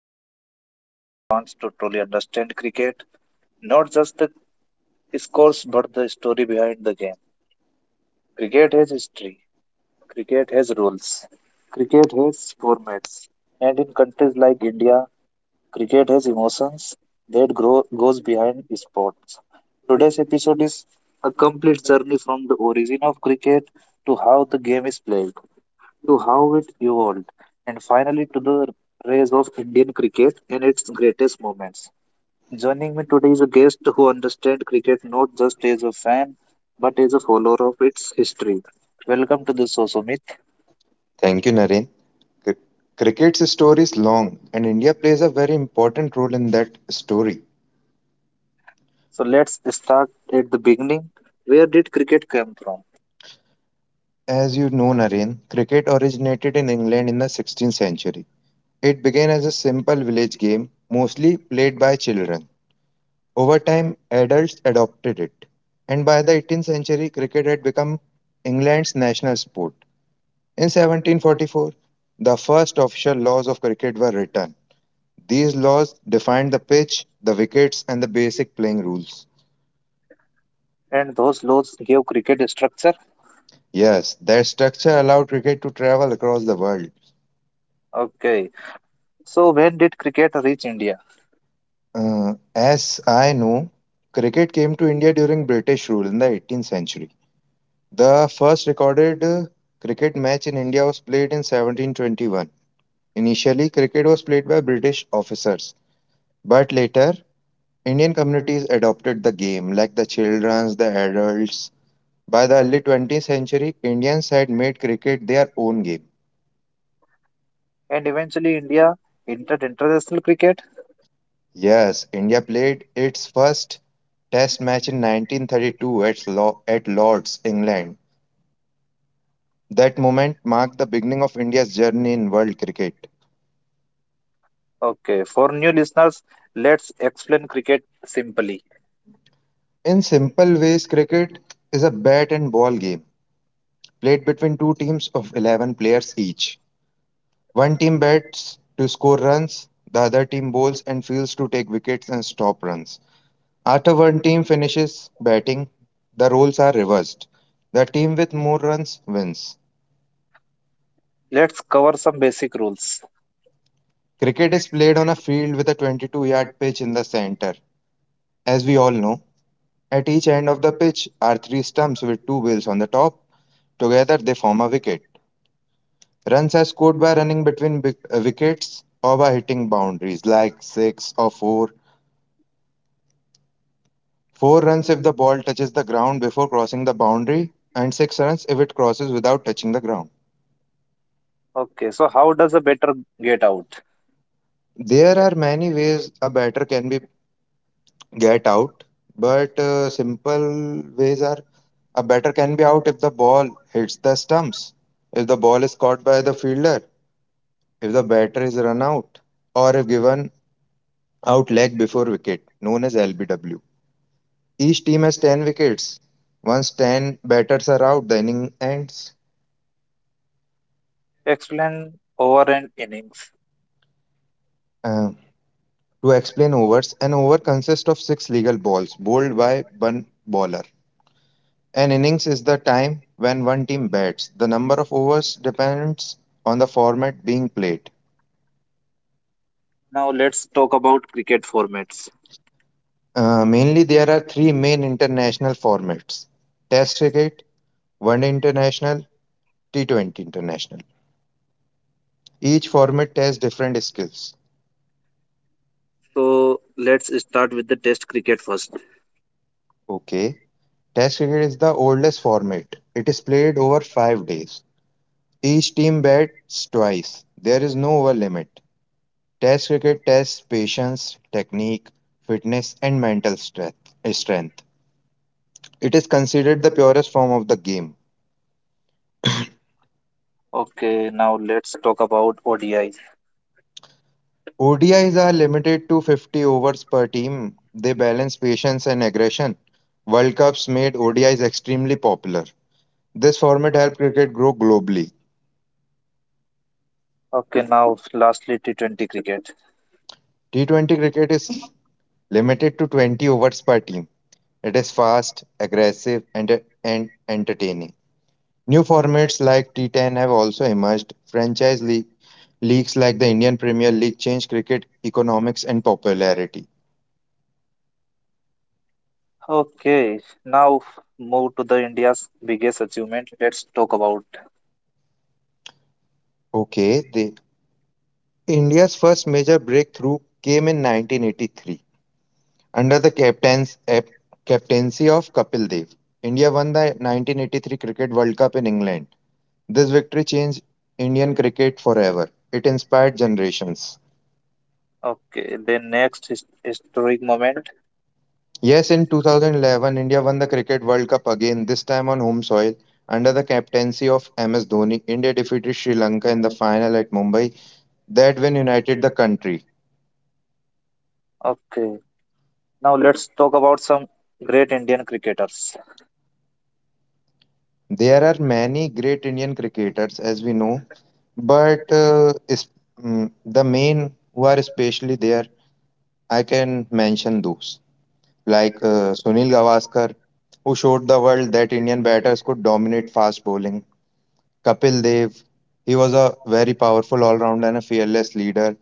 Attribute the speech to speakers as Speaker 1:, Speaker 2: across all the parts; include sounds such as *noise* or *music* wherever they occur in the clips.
Speaker 1: is for anyone who wants to truly understand cricket, not just the scores, but the story behind the game. Cricket has history, cricket has rules, cricket has formats, and in countries like India, cricket has emotions that grow, goes behind sports. Today's episode is a complete journey from the origin of cricket to how the game is played to how it evolved, and finally to the rise of Indian cricket in its greatest moments. Joining me today is a guest who understands cricket not just as a fan but as a follower of its history. Welcome to the show, Sumit.
Speaker 2: Thank you, Naren. Cr- Cricket's story is long, and India plays a very important role in that story.
Speaker 1: So let's start at the beginning. Where did cricket come from?
Speaker 2: As you know, Naren, cricket originated in England in the 16th century. It began as a simple village game, mostly played by children. Over time, adults adopted it, and by the 18th century, cricket had become England's national sport. In 1744, the first official laws of cricket were written. These laws defined the pitch, the wickets, and the basic playing rules.
Speaker 1: And those laws gave cricket structure.
Speaker 2: Yes, their structure allowed cricket to travel across the world.
Speaker 1: Okay. So when did cricket reach India?
Speaker 2: As I know, cricket came to India during British rule in the 18th century. The first recorded cricket match in India was played in 1721. Initially, cricket was played by British officers, but later, Indian communities adopted the game, like the childrens, the adults. By the early 20th century, Indians had made cricket their own game.
Speaker 1: And eventually India entered international cricket?
Speaker 2: Yes, India played its first test match in 1932 at, at Lord's, England. That moment marked the beginning of India's journey in world cricket.
Speaker 1: Okay, for new listeners, let's explain cricket simply.
Speaker 2: In simple ways, cricket is a bat and ball game played between two teams of 11 players each. One team bats to score runs, the other team bowls and fields to take wickets and stop runs. After one team finishes batting, the roles are reversed. The team with more runs wins.
Speaker 1: Let's cover some basic rules.
Speaker 2: Cricket is played on a field with a 22-yard pitch in the center. As we all know, at each end of the pitch are three stumps with two wheels on the top. Together they form a wicket. Runs are scored by running between wickets or by hitting boundaries like 6 or 4. 4 runs if the ball touches the ground before crossing the boundary, and 6 runs if it crosses without touching the ground.
Speaker 1: Okay, so how does a batter get out?
Speaker 2: There are many ways a batter can be get out, but simple ways are a batter can be out if the ball hits the stumps, if the ball is caught by the fielder, if the batter is run out, or if given out leg before wicket, known as LBW. Each team has 10 wickets. Once 10 batters are out, the inning ends.
Speaker 1: Explain over and innings.
Speaker 2: Uh, to explain overs, an over consists of six legal balls bowled by one bowler. An innings is the time when one team bats. The number of overs depends on the format being played.
Speaker 1: Now let's talk about cricket formats.
Speaker 2: Mainly, there are three main international formats: Test cricket, One Day International, T20 International. Each format tests different skills.
Speaker 1: So let's start with the test cricket first.
Speaker 2: Okay. Test cricket is the oldest format. It is played over five days. Each team bats twice. There is no over limit. Test cricket tests patience, technique, fitness, and mental strength. It is considered the purest form of the game.
Speaker 1: Okay, now let's talk about ODI.
Speaker 2: ODIs are limited to 50 overs per team. They balance patience and aggression. World Cups made ODIs extremely popular. This format helped cricket grow globally.
Speaker 1: Okay, now lastly T20 cricket.
Speaker 2: T20 cricket is limited to 20 overs per team. It is fast, aggressive, and entertaining. New formats like T10 have also emerged. Leagues like the Indian Premier League change cricket economics and popularity.
Speaker 1: Okay, now move to the India's biggest achievement. Let's talk about.
Speaker 2: Okay, they India's first major breakthrough came in 1983 under the captaincy of Kapil Dev. India won the 1983 Cricket World Cup in England. This victory changed Indian cricket forever. It inspired generations.
Speaker 1: Okay, then next historic moment.
Speaker 2: Yes, in 2011, India won the Cricket World Cup again, this time on home soil. Under the captaincy of MS Dhoni, India defeated Sri Lanka in the final at Mumbai. That win united the country.
Speaker 1: Okay, now let's talk about some great Indian cricketers.
Speaker 2: There are many great Indian cricketers, as we know. But uh, is, the main who are especially there, I can mention those like Sunil Gavaskar, who showed the world that Indian batters could dominate fast bowling. Kapil Dev, he was a very powerful all-rounder and a fearless leader.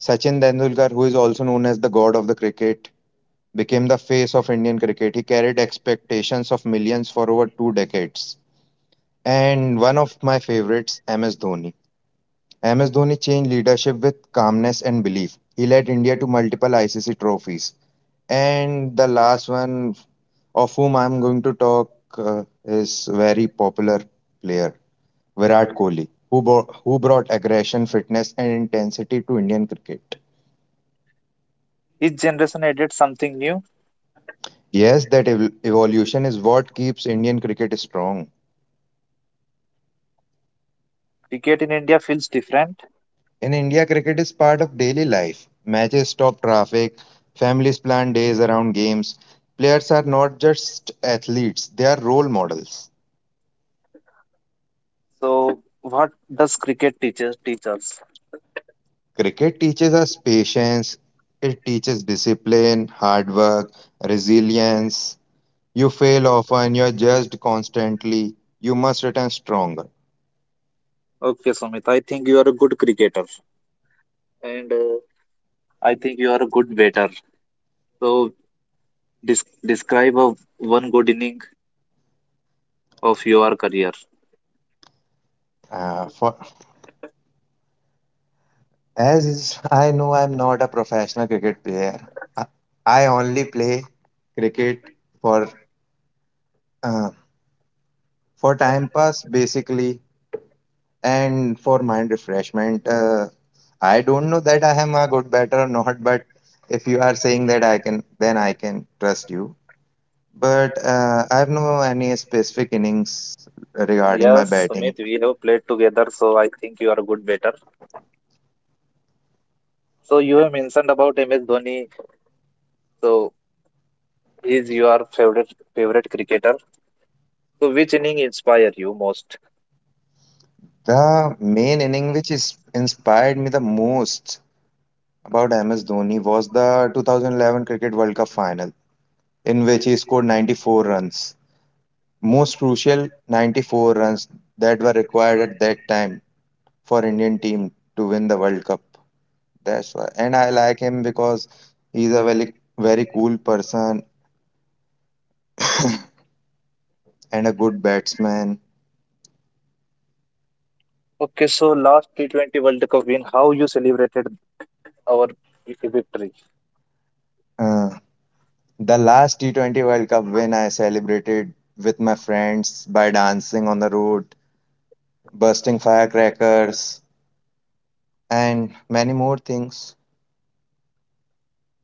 Speaker 2: Sachin Tendulkar, who is also known as the god of the cricket, became the face of Indian cricket. He carried expectations of millions for over two decades. And one of my favorites, MS Dhoni. MS Dhoni changed leadership with calmness and belief. He led India to multiple ICC trophies. And the last one of whom I'm going to talk is very popular player Virat Kohli, who brought aggression, fitness, and intensity to Indian cricket.
Speaker 1: Each generation added something new.
Speaker 2: Yes, that evolution is what keeps Indian cricket strong.
Speaker 1: Cricket in India feels different.
Speaker 2: In India, cricket is part of daily life. Matches stop traffic, families plan days around games. Players are not just athletes, they are role models.
Speaker 1: So what does cricket teach us?
Speaker 2: Cricket teaches us patience, it teaches discipline, hard work, resilience. You fail often, you are judged constantly, you must return stronger.
Speaker 1: Okay, Sumit, I think you are a good cricketer and I think you are a good batter. So describe one good inning of your career.
Speaker 2: Uh, for, as I know, I'm not a professional cricket player. I, I only play cricket for uh, for time pass basically and for mind refreshment. I don't know that I am a good batter or not, but if you are saying that I can, then I can trust you, but I have no any specific innings regarding my
Speaker 1: Yes,
Speaker 2: batting.
Speaker 1: Sumit, we have played together, so I think you are a good batter. So you have mentioned about MS Dhoni. So he is your favorite cricketer. So which inning inspire you most?
Speaker 2: The main inning which is inspired me the most about MS Dhoni was the 2011 cricket world cup final, in which he scored 94 runs, most crucial 94 runs that were required at that time for Indian team to win the World Cup. That's why. And I like him because he's a very cool person and a good batsman.
Speaker 1: Okay, so last T20 World Cup win, how you celebrated our victory?
Speaker 2: Uh, the last T20 World Cup win I celebrated with my friends by dancing on the road, bursting firecrackers, and many more things.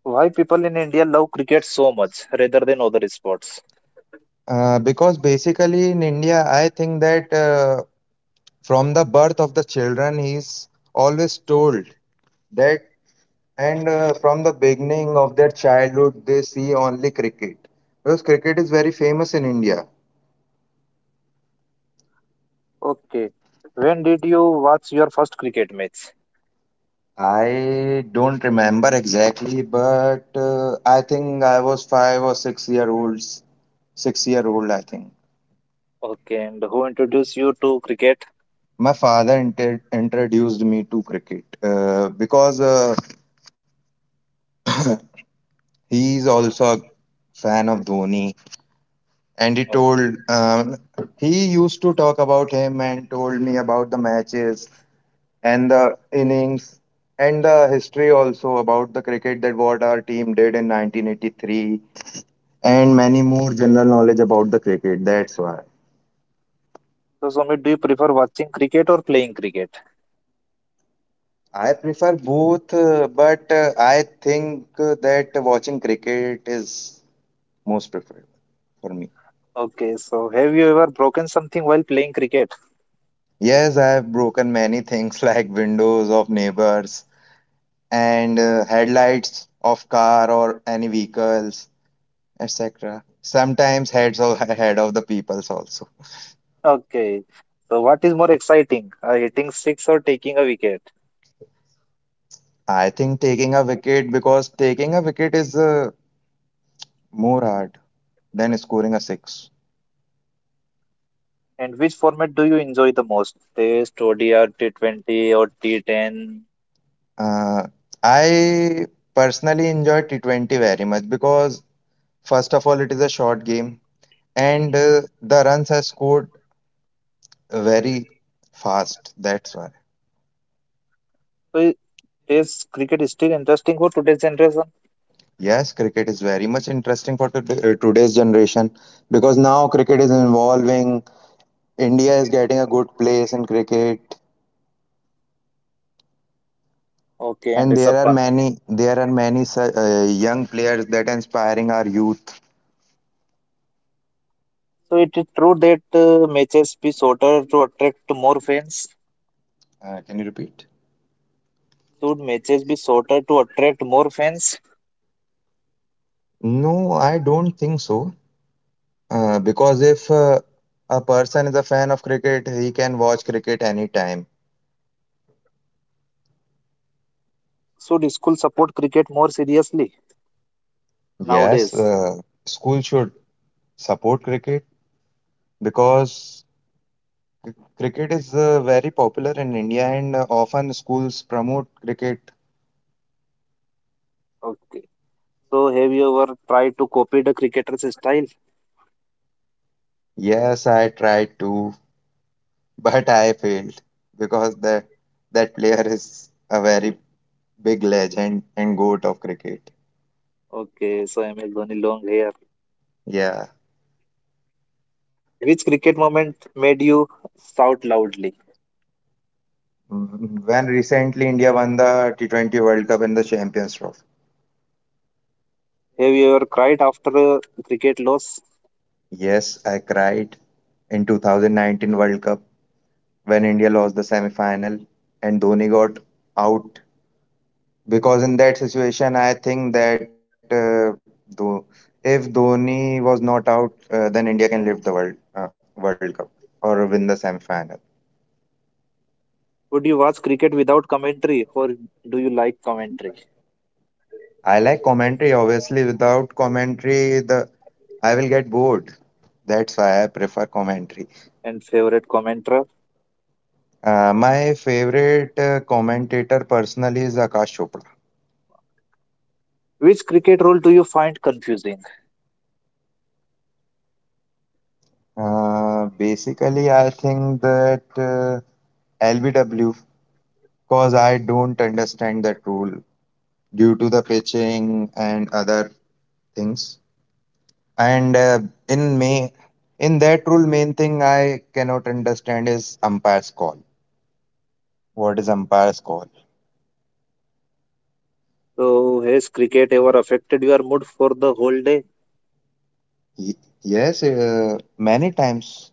Speaker 1: Why people in India love cricket so much rather than other sports?
Speaker 2: Because basically in India, I think that from the birth of the children, he's always told that. And from the beginning of their childhood, they see only cricket. Because cricket is very famous in India.
Speaker 1: Okay, when did you watch your first cricket match?
Speaker 2: I don't remember exactly, but I think I was five or six-year-olds, six-year-old, I think.
Speaker 1: Okay, and who introduced you to cricket?
Speaker 2: My father inter introduced me to cricket because he is also a fan of Dhoni, and he
Speaker 1: Okay.
Speaker 2: told he used to talk about him and told me about the matches and the innings and the history also about the cricket, that what our team did in 1983 and many more general knowledge about the cricket. That's why.
Speaker 1: So, Somit, do you prefer watching cricket or playing cricket?
Speaker 2: I prefer both, but I think that watching cricket is most preferable for me.
Speaker 1: Okay, so have you ever broken something while playing cricket?
Speaker 2: Yes, I have broken many things *laughs* like windows of neighbors and headlights of car or any vehicles, etc. Sometimes heads of *laughs* head of the peoples also.
Speaker 1: Okay, so what is more exciting, hitting six or taking a wicket?
Speaker 2: I think taking a wicket, because taking a wicket is more hard than scoring a six.
Speaker 1: And which format do you enjoy the most? Test, ODI, T20, or T10?
Speaker 2: Uh, I personally enjoy T20 very much because, first of all, it is a short game and the runs are scored very fast. That's why.
Speaker 1: So is cricket is still interesting for today's generation?
Speaker 2: Yes, cricket is very much interesting for today's generation because now cricket is evolving. India is getting a good place in cricket.
Speaker 1: Okay, and
Speaker 2: And there
Speaker 1: Rishabh
Speaker 2: are
Speaker 1: Pant.
Speaker 2: many, there are many young players that inspiring our youth.
Speaker 1: So it is true that matches be shorter to attract more fans.
Speaker 2: Can you repeat?
Speaker 1: Should matches be shorter to attract more fans?
Speaker 2: No, I don't think so. Because if a person is a fan of cricket, he can watch cricket anytime.
Speaker 1: Should school support cricket more seriously
Speaker 2: Yes,
Speaker 1: nowadays?
Speaker 2: school should support cricket because cricket is very popular in India, and often schools promote cricket.
Speaker 1: Okay. So have you ever tried to copy the cricketer's style?
Speaker 2: Yes, I tried to, *laughs* but I failed because that player is a very big legend and goat of cricket.
Speaker 1: Okay. So MS Dhoni long hair.
Speaker 2: Yeah.
Speaker 1: Which cricket moment made you shout loudly?
Speaker 2: Mm. When recently India won the T20 World Cup and the Champions Trophy.
Speaker 1: Have you ever cried after a cricket loss?
Speaker 2: Yes, I cried in 2019 World Cup when India lost the semi-final and Dhoni got out, because in that situation I think that though if Dhoni was not out then India can lift the World Cup or win the semi-final.
Speaker 1: Would you watch cricket without commentary or do you like commentary?
Speaker 2: I like commentary, obviously. Without commentary, the I will get bored. That's why I prefer commentary.
Speaker 1: And favorite commentator?
Speaker 2: My favorite commentator personally is Akash Chopra.
Speaker 1: Which cricket rule do you find confusing?
Speaker 2: Basically, I think that LBW, because I don't understand that rule due to the pitching and other things. And in May, in that rule, main thing I cannot understand is umpire's call. What is umpire's call?
Speaker 1: So, has cricket ever affected your mood for the whole day?
Speaker 2: Y- yes, many times.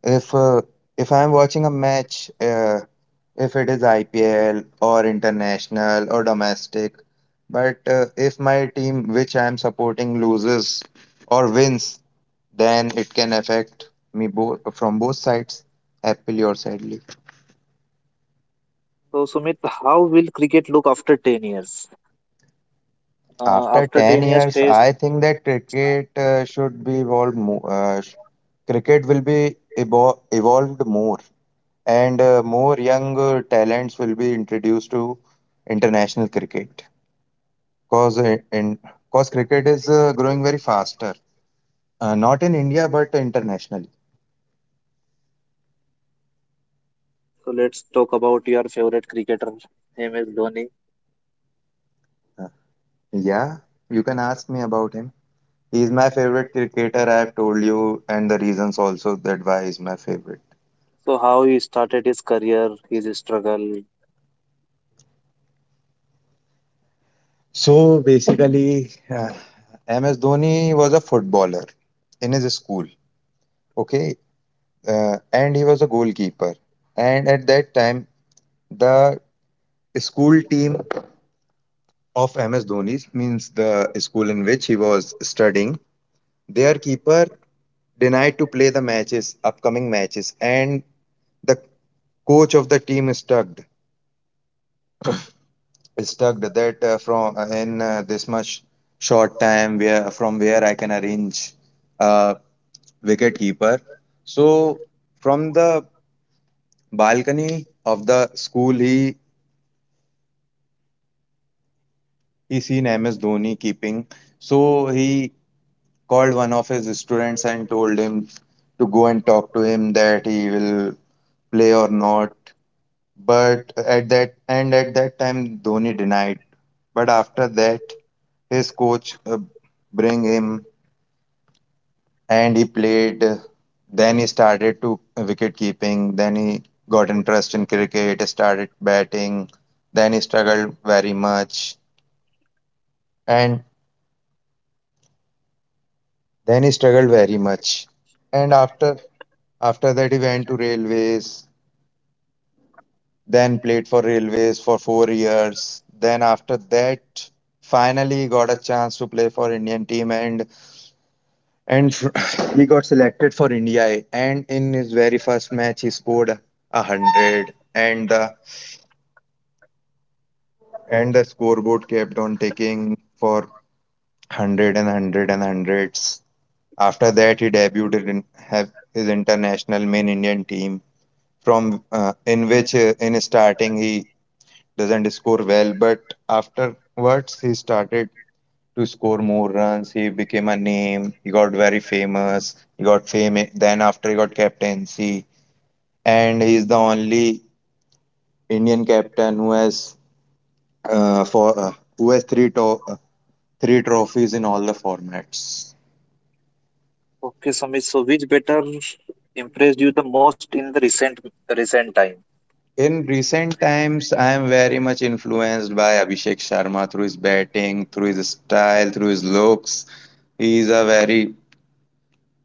Speaker 2: If uh, if I'm watching a match, if it is IPL or international or domestic, but if my team which I'm supporting loses or wins, then it can affect me both from both sides, happily or sadly.
Speaker 1: So, Sumit, how will cricket look after 10 years?
Speaker 2: After
Speaker 1: After
Speaker 2: 10
Speaker 1: 10 years
Speaker 2: years,
Speaker 1: test,
Speaker 2: I think that cricket should be evolved more. Cricket will be evolved more, and more young talents will be introduced to international cricket. Cause uh, in cause cricket is growing very faster, not in India but internationally.
Speaker 1: so let's talk about your favorite cricketer, MS Dhoni.
Speaker 2: Yeah, you can ask me about him. He is my favorite cricketer. I have told you, and the reasons also that why he's my favorite.
Speaker 1: So, how he started his career, his struggle.
Speaker 2: So basically, MS Dhoni was a footballer in his school, okay, and he was a goalkeeper. And at that time, the school team of MS Dhoni's means the school in which he was studying, their keeper denied to play the matches, upcoming matches, and the coach of the team is tugged, stuck that from in this much short time where from where I can arrange a wicket keeper. So from the balcony of the school, he seen MS Dhoni keeping. So he called one of his students and told him to go and talk to him that he will play or not. But at that time, Dhoni denied. But after that, his coach bring him and he played. Then he started to wicket keeping. Then he got interest in cricket, started batting. Then he struggled very much, and then he struggled very much. And after that, he went to railways, then played for Railways for 4 years. Then after that, finally got a chance to play for Indian team and *laughs* he got selected for India. And in his very first match, he scored a hundred, and the scoreboard kept on taking for hundred and hundred and hundreds. After that, he debuted in have his international main Indian team from in which in starting he doesn't score well, but afterwards he started to score more runs. He became a name. He got very famous. He got fame. Then after he got captaincy, and he's the only Indian captain who has for who has three to- three trophies in all the formats.
Speaker 1: Okay, Sumit. So, which baton impressed you the most in the recent time?
Speaker 2: In recent times, I am very much influenced by Abhishek Sharma through his batting, through his style, through his looks. He is a very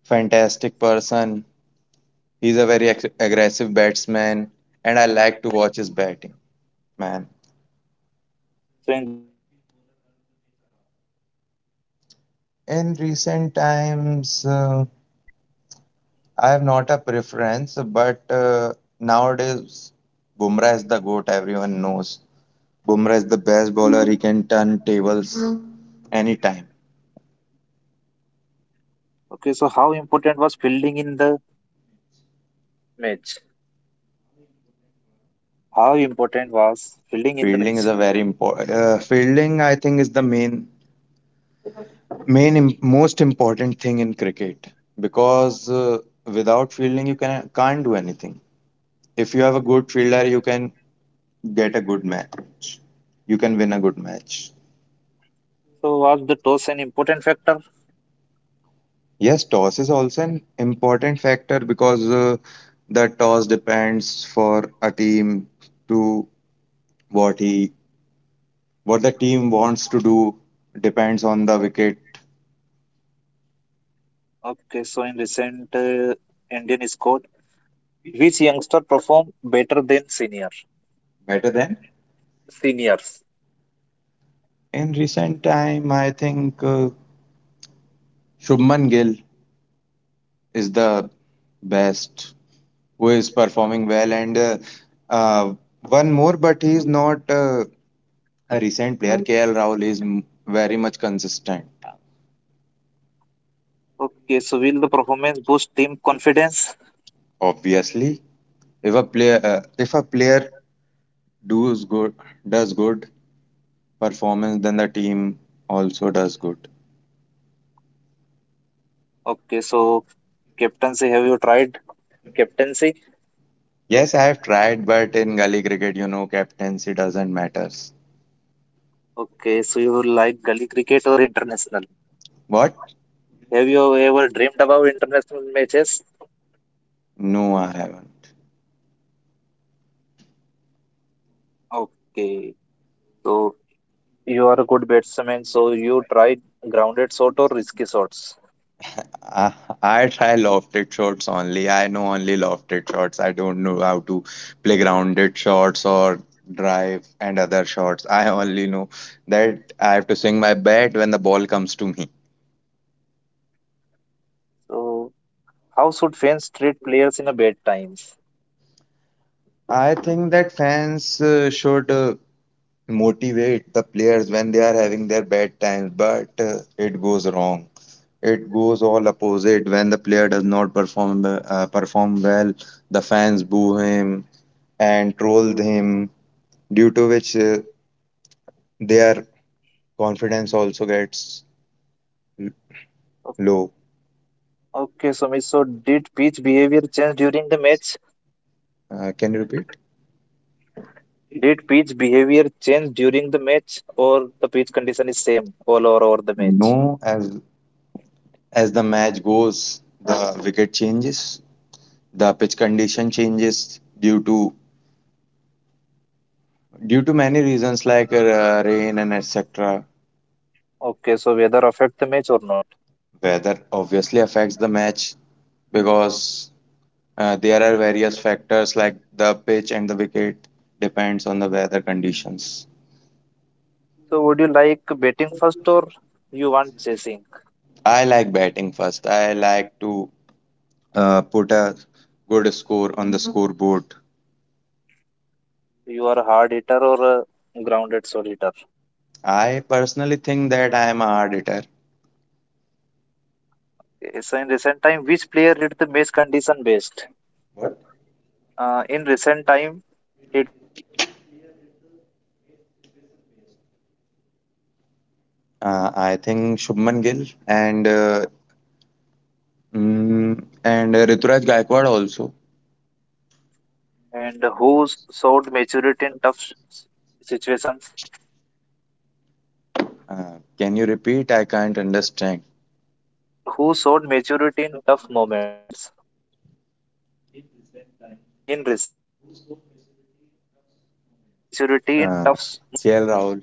Speaker 2: fantastic person. He's a very aggressive batsman, and I like to watch his batting, man.
Speaker 1: So, in recent time, which bowler turned the match around?
Speaker 2: In recent times, I have not a preference, but nowadays, Bumrah is the GOAT, everyone knows. Bumrah is the best bowler, he can turn tables anytime.
Speaker 1: Okay, so how important was fielding in the match? How important was fielding in the match?
Speaker 2: Fielding is a very important. Fielding, I think, is the main, most important thing in cricket because without fielding, you can can't do anything. If you have a good fielder, you can get a good match. You can win a good match.
Speaker 1: So, was the toss an important factor?
Speaker 2: Yes, toss is also an important factor because the toss depends for a team to what he what the team wants to do depends on the wicket
Speaker 1: Okay, so in recent Indian squad, which youngster performed better than
Speaker 2: better than
Speaker 1: seniors?
Speaker 2: in recent time I think Shubman Gill is the best who is performing well and uh, one more but he's not a recent player. KL Rahul is very much consistent.
Speaker 1: Okay, so will the performance boost team confidence?
Speaker 2: Obviously, if a player does good does good performance, then the team also does good.
Speaker 1: Okay, so captaincy, have you tried captaincy?
Speaker 2: Yes, I have tried, but in gully cricket, you know, captaincy doesn't matters.
Speaker 1: Okay, so you like gully cricket or international?
Speaker 2: What?
Speaker 1: Have you ever dreamed about international matches?
Speaker 2: No, I haven't.
Speaker 1: Okay, so you are a good batsman, so you try grounded shot or risky shots.
Speaker 2: I, I try lofted shots only. I know only lofted shots. I don't know how to play grounded shots or drive and other shots. I only know that I have to swing my bat when the ball comes to me.
Speaker 1: So how should fans treat players in a bad times?
Speaker 2: I think that fans should motivate the players when they are having their bad times, but it goes wrong. It goes all opposite when the player does not perform well. The fans boo him and troll him due to which their confidence also gets
Speaker 1: O-
Speaker 2: low.
Speaker 1: Okay, Sumit, so did pitch behavior change during the match?
Speaker 2: Can you repeat?
Speaker 1: Did pitch behavior change during the match or the pitch condition is same all over the match?
Speaker 2: No, as the match goes, the wicket changes, the pitch condition changes due to many reasons like rain and etc.
Speaker 1: Okay, so weather affect the match or not.
Speaker 2: Weather obviously affects the match because there are various factors like the pitch and the wicket depends on the weather conditions.
Speaker 1: So would you like batting first or you want chasing?
Speaker 2: I like batting first. I like to put a good score on the scoreboard.
Speaker 1: You are a hard hitter or a grounded solid hitter.
Speaker 2: I personally think that I am a hard hitter.
Speaker 1: Okay, so in recent time, which player read the match condition best?
Speaker 2: What?
Speaker 1: In recent time, T20 sport, which player read the match situation best?
Speaker 2: I think Shubman Gill and and Rituraj Gaikwad also.
Speaker 1: And who showed maturity in tough s- situations?
Speaker 2: Can you repeat? I can't understand.
Speaker 1: Who showed maturity in tough moments? In recent time, who showed maturity in tough moments?
Speaker 2: Uh, KL Rahul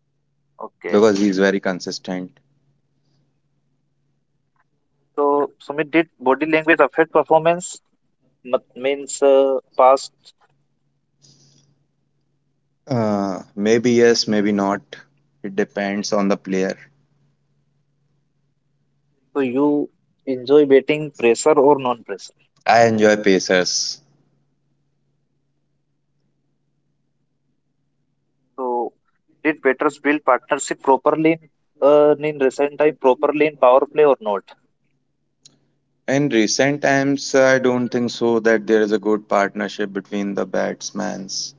Speaker 1: Okay.
Speaker 2: because he is very consistent.
Speaker 1: So, Sumit, did body language affect performance? Means past.
Speaker 2: Maybe yes, maybe not. It depends on the player.
Speaker 1: So you enjoy dating pressure or non-pressure?
Speaker 2: I enjoy pacers.
Speaker 1: So did betters build partnership properly in recent time, properly in power play or not?
Speaker 2: In recent times, I don't think so that there is a good partnership between the batsman's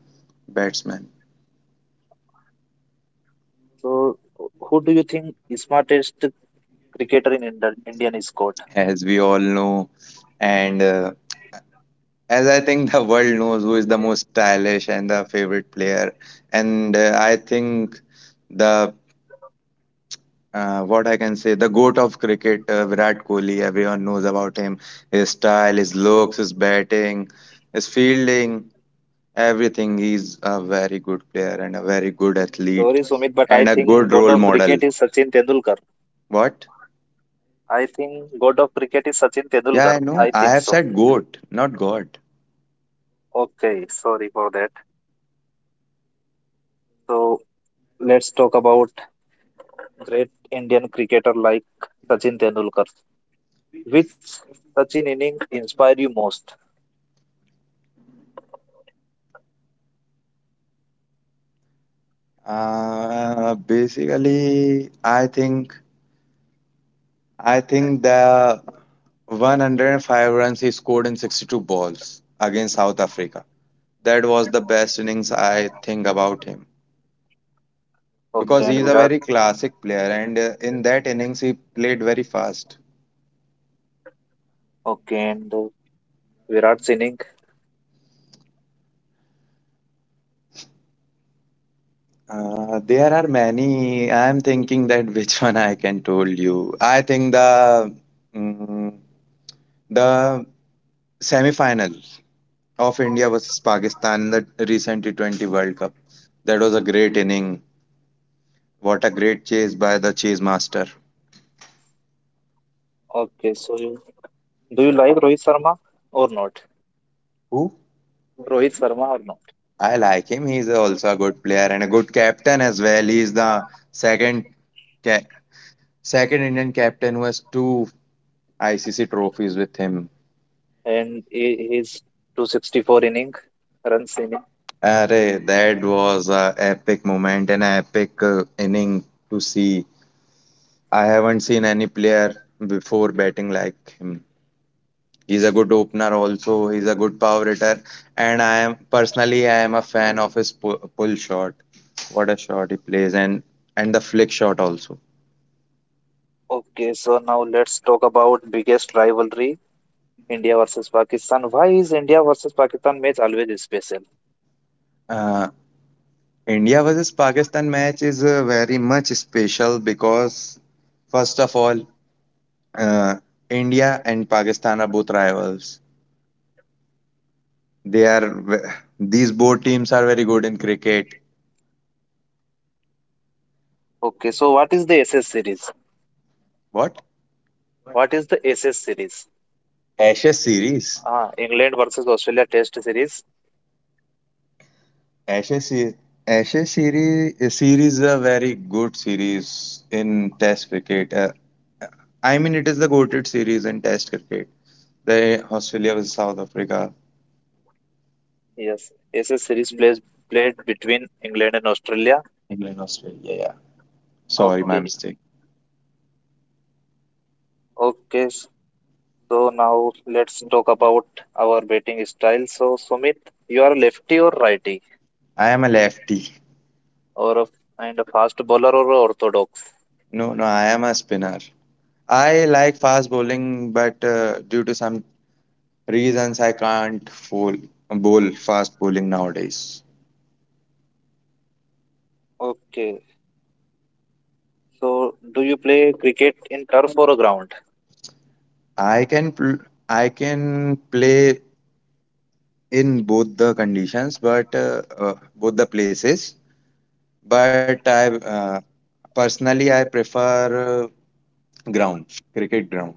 Speaker 2: batsmen,
Speaker 1: So who do you think is smartest cricketer in Indian squad?
Speaker 2: as we all know, and as I think the world knows who is the most stylish and the favorite player. And I think the what I can say, the goat of cricket, Virat Kohli. Everyone knows about him. His style, his looks, his batting, his fielding. Everything he's a very good player and a very good
Speaker 1: Sorry,
Speaker 2: athlete
Speaker 1: Sumit, but I
Speaker 2: and a
Speaker 1: think
Speaker 2: good
Speaker 1: god
Speaker 2: role
Speaker 1: of
Speaker 2: model.
Speaker 1: cricket is Sachin Tendulkar.
Speaker 2: What?
Speaker 1: I think god of cricket is Sachin
Speaker 2: Yeah, I
Speaker 1: Tendulkar.
Speaker 2: know.
Speaker 1: I
Speaker 2: I
Speaker 1: think
Speaker 2: have
Speaker 1: so.
Speaker 2: said goat, not God.
Speaker 1: Okay, sorry for that. So let's talk about great Indian cricketer like Sachin Tendulkar. Which Sachin inning inspired you most?
Speaker 2: Basically, I think the 105 runs he scored in 62 balls against South Africa. That was the best innings I think about him because
Speaker 1: Okay, and
Speaker 2: he's a
Speaker 1: Virat.
Speaker 2: very classic player and in that innings he played very fast.
Speaker 1: Okay, and Virat's inning.
Speaker 2: There are many. I am thinking that *laughs* which one I can tell you. I think mm, the semi-final of India versus Pakistan in the recent T20 World Cup. That was a great inning. What a great chase by the chase master.
Speaker 1: Okay, so do you like Rohit Sharma or not?
Speaker 2: Who?
Speaker 1: Rohit Sharma or not?
Speaker 2: I like him. He's also a good player and a good captain as well. He's the second ca- second Indian captain who has two ICC trophies with him.
Speaker 1: And his 264 inning, runs inning.
Speaker 2: Arey, that was a epic moment and an epic inning to see. I haven't seen any player before batting like him. He's a good opener also. He's a good power hitter, and I am a fan of his pull shot. What a shot he plays, and the flick shot also.
Speaker 1: Okay, so now let's talk about biggest rivalry, India versus Pakistan. Why is India versus Pakistan match always special?
Speaker 2: Uh, India versus Pakistan match is very much special because first of all, uh, India and Pakistan are both rivals. They are These both teams are very good in cricket.
Speaker 1: Okay, so what is the SS series?
Speaker 2: What?
Speaker 1: What is the SS series?
Speaker 2: Ashes series.
Speaker 1: Ah, England versus Australia Test series.
Speaker 2: Ashes series. Ashes series is a very good series in Test cricket. I mean, it is the goated series in Test cricket. The Australia vs South Africa,
Speaker 1: Yes, it's a series plays played between England and Australia.
Speaker 2: England Australia. Yeah. Sorry, my
Speaker 1: Okay,
Speaker 2: mistake.
Speaker 1: okay. So now let's talk about our batting style. So Sumit, you are lefty or righty,
Speaker 2: I am a lefty.
Speaker 1: or a, and a fast bowler or a orthodox.
Speaker 2: No, no, I am a spinner. I like fast bowling, but due to some reasons I can't fool, bowl fast bowling nowadays.
Speaker 1: Okay. So do you play cricket in turf or a ground?
Speaker 2: I can pl- I can play in both the conditions, but both the places. But I prefer ground, cricket ground,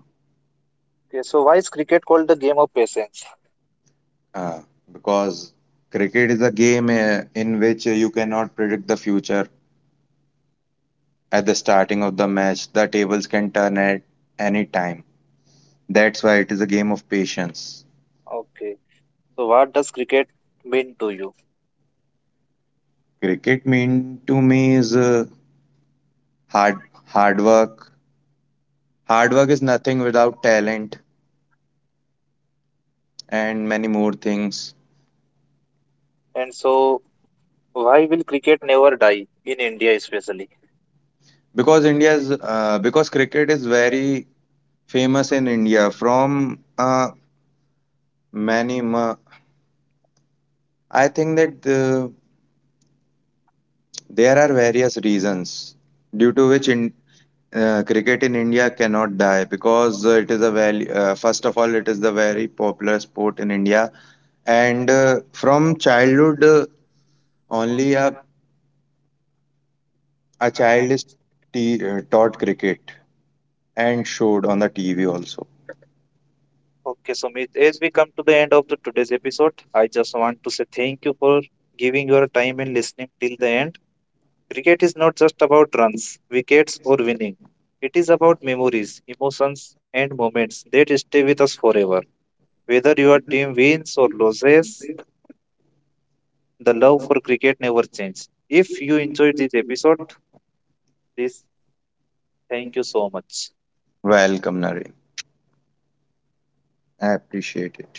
Speaker 1: Okay. So why is cricket called the game of patience?
Speaker 2: uh, because cricket is a game in which you cannot predict the future. At the starting of the match, the tables can turn at any time. That's why it is a game of patience.
Speaker 1: Okay. So what does cricket mean to you?
Speaker 2: Cricket mean to me is hard hard work. Hard work is nothing without talent and many more things.
Speaker 1: And so why will cricket never die in India, especially?
Speaker 2: Because India's because cricket is very famous in India from many. ma- I think that there are various reasons due to which cricket in India cannot die because it is a very first of all it is the very popular sport in India and from childhood. Only a child is taught cricket and showed on the TV also. Welcome, Naren. I appreciate it.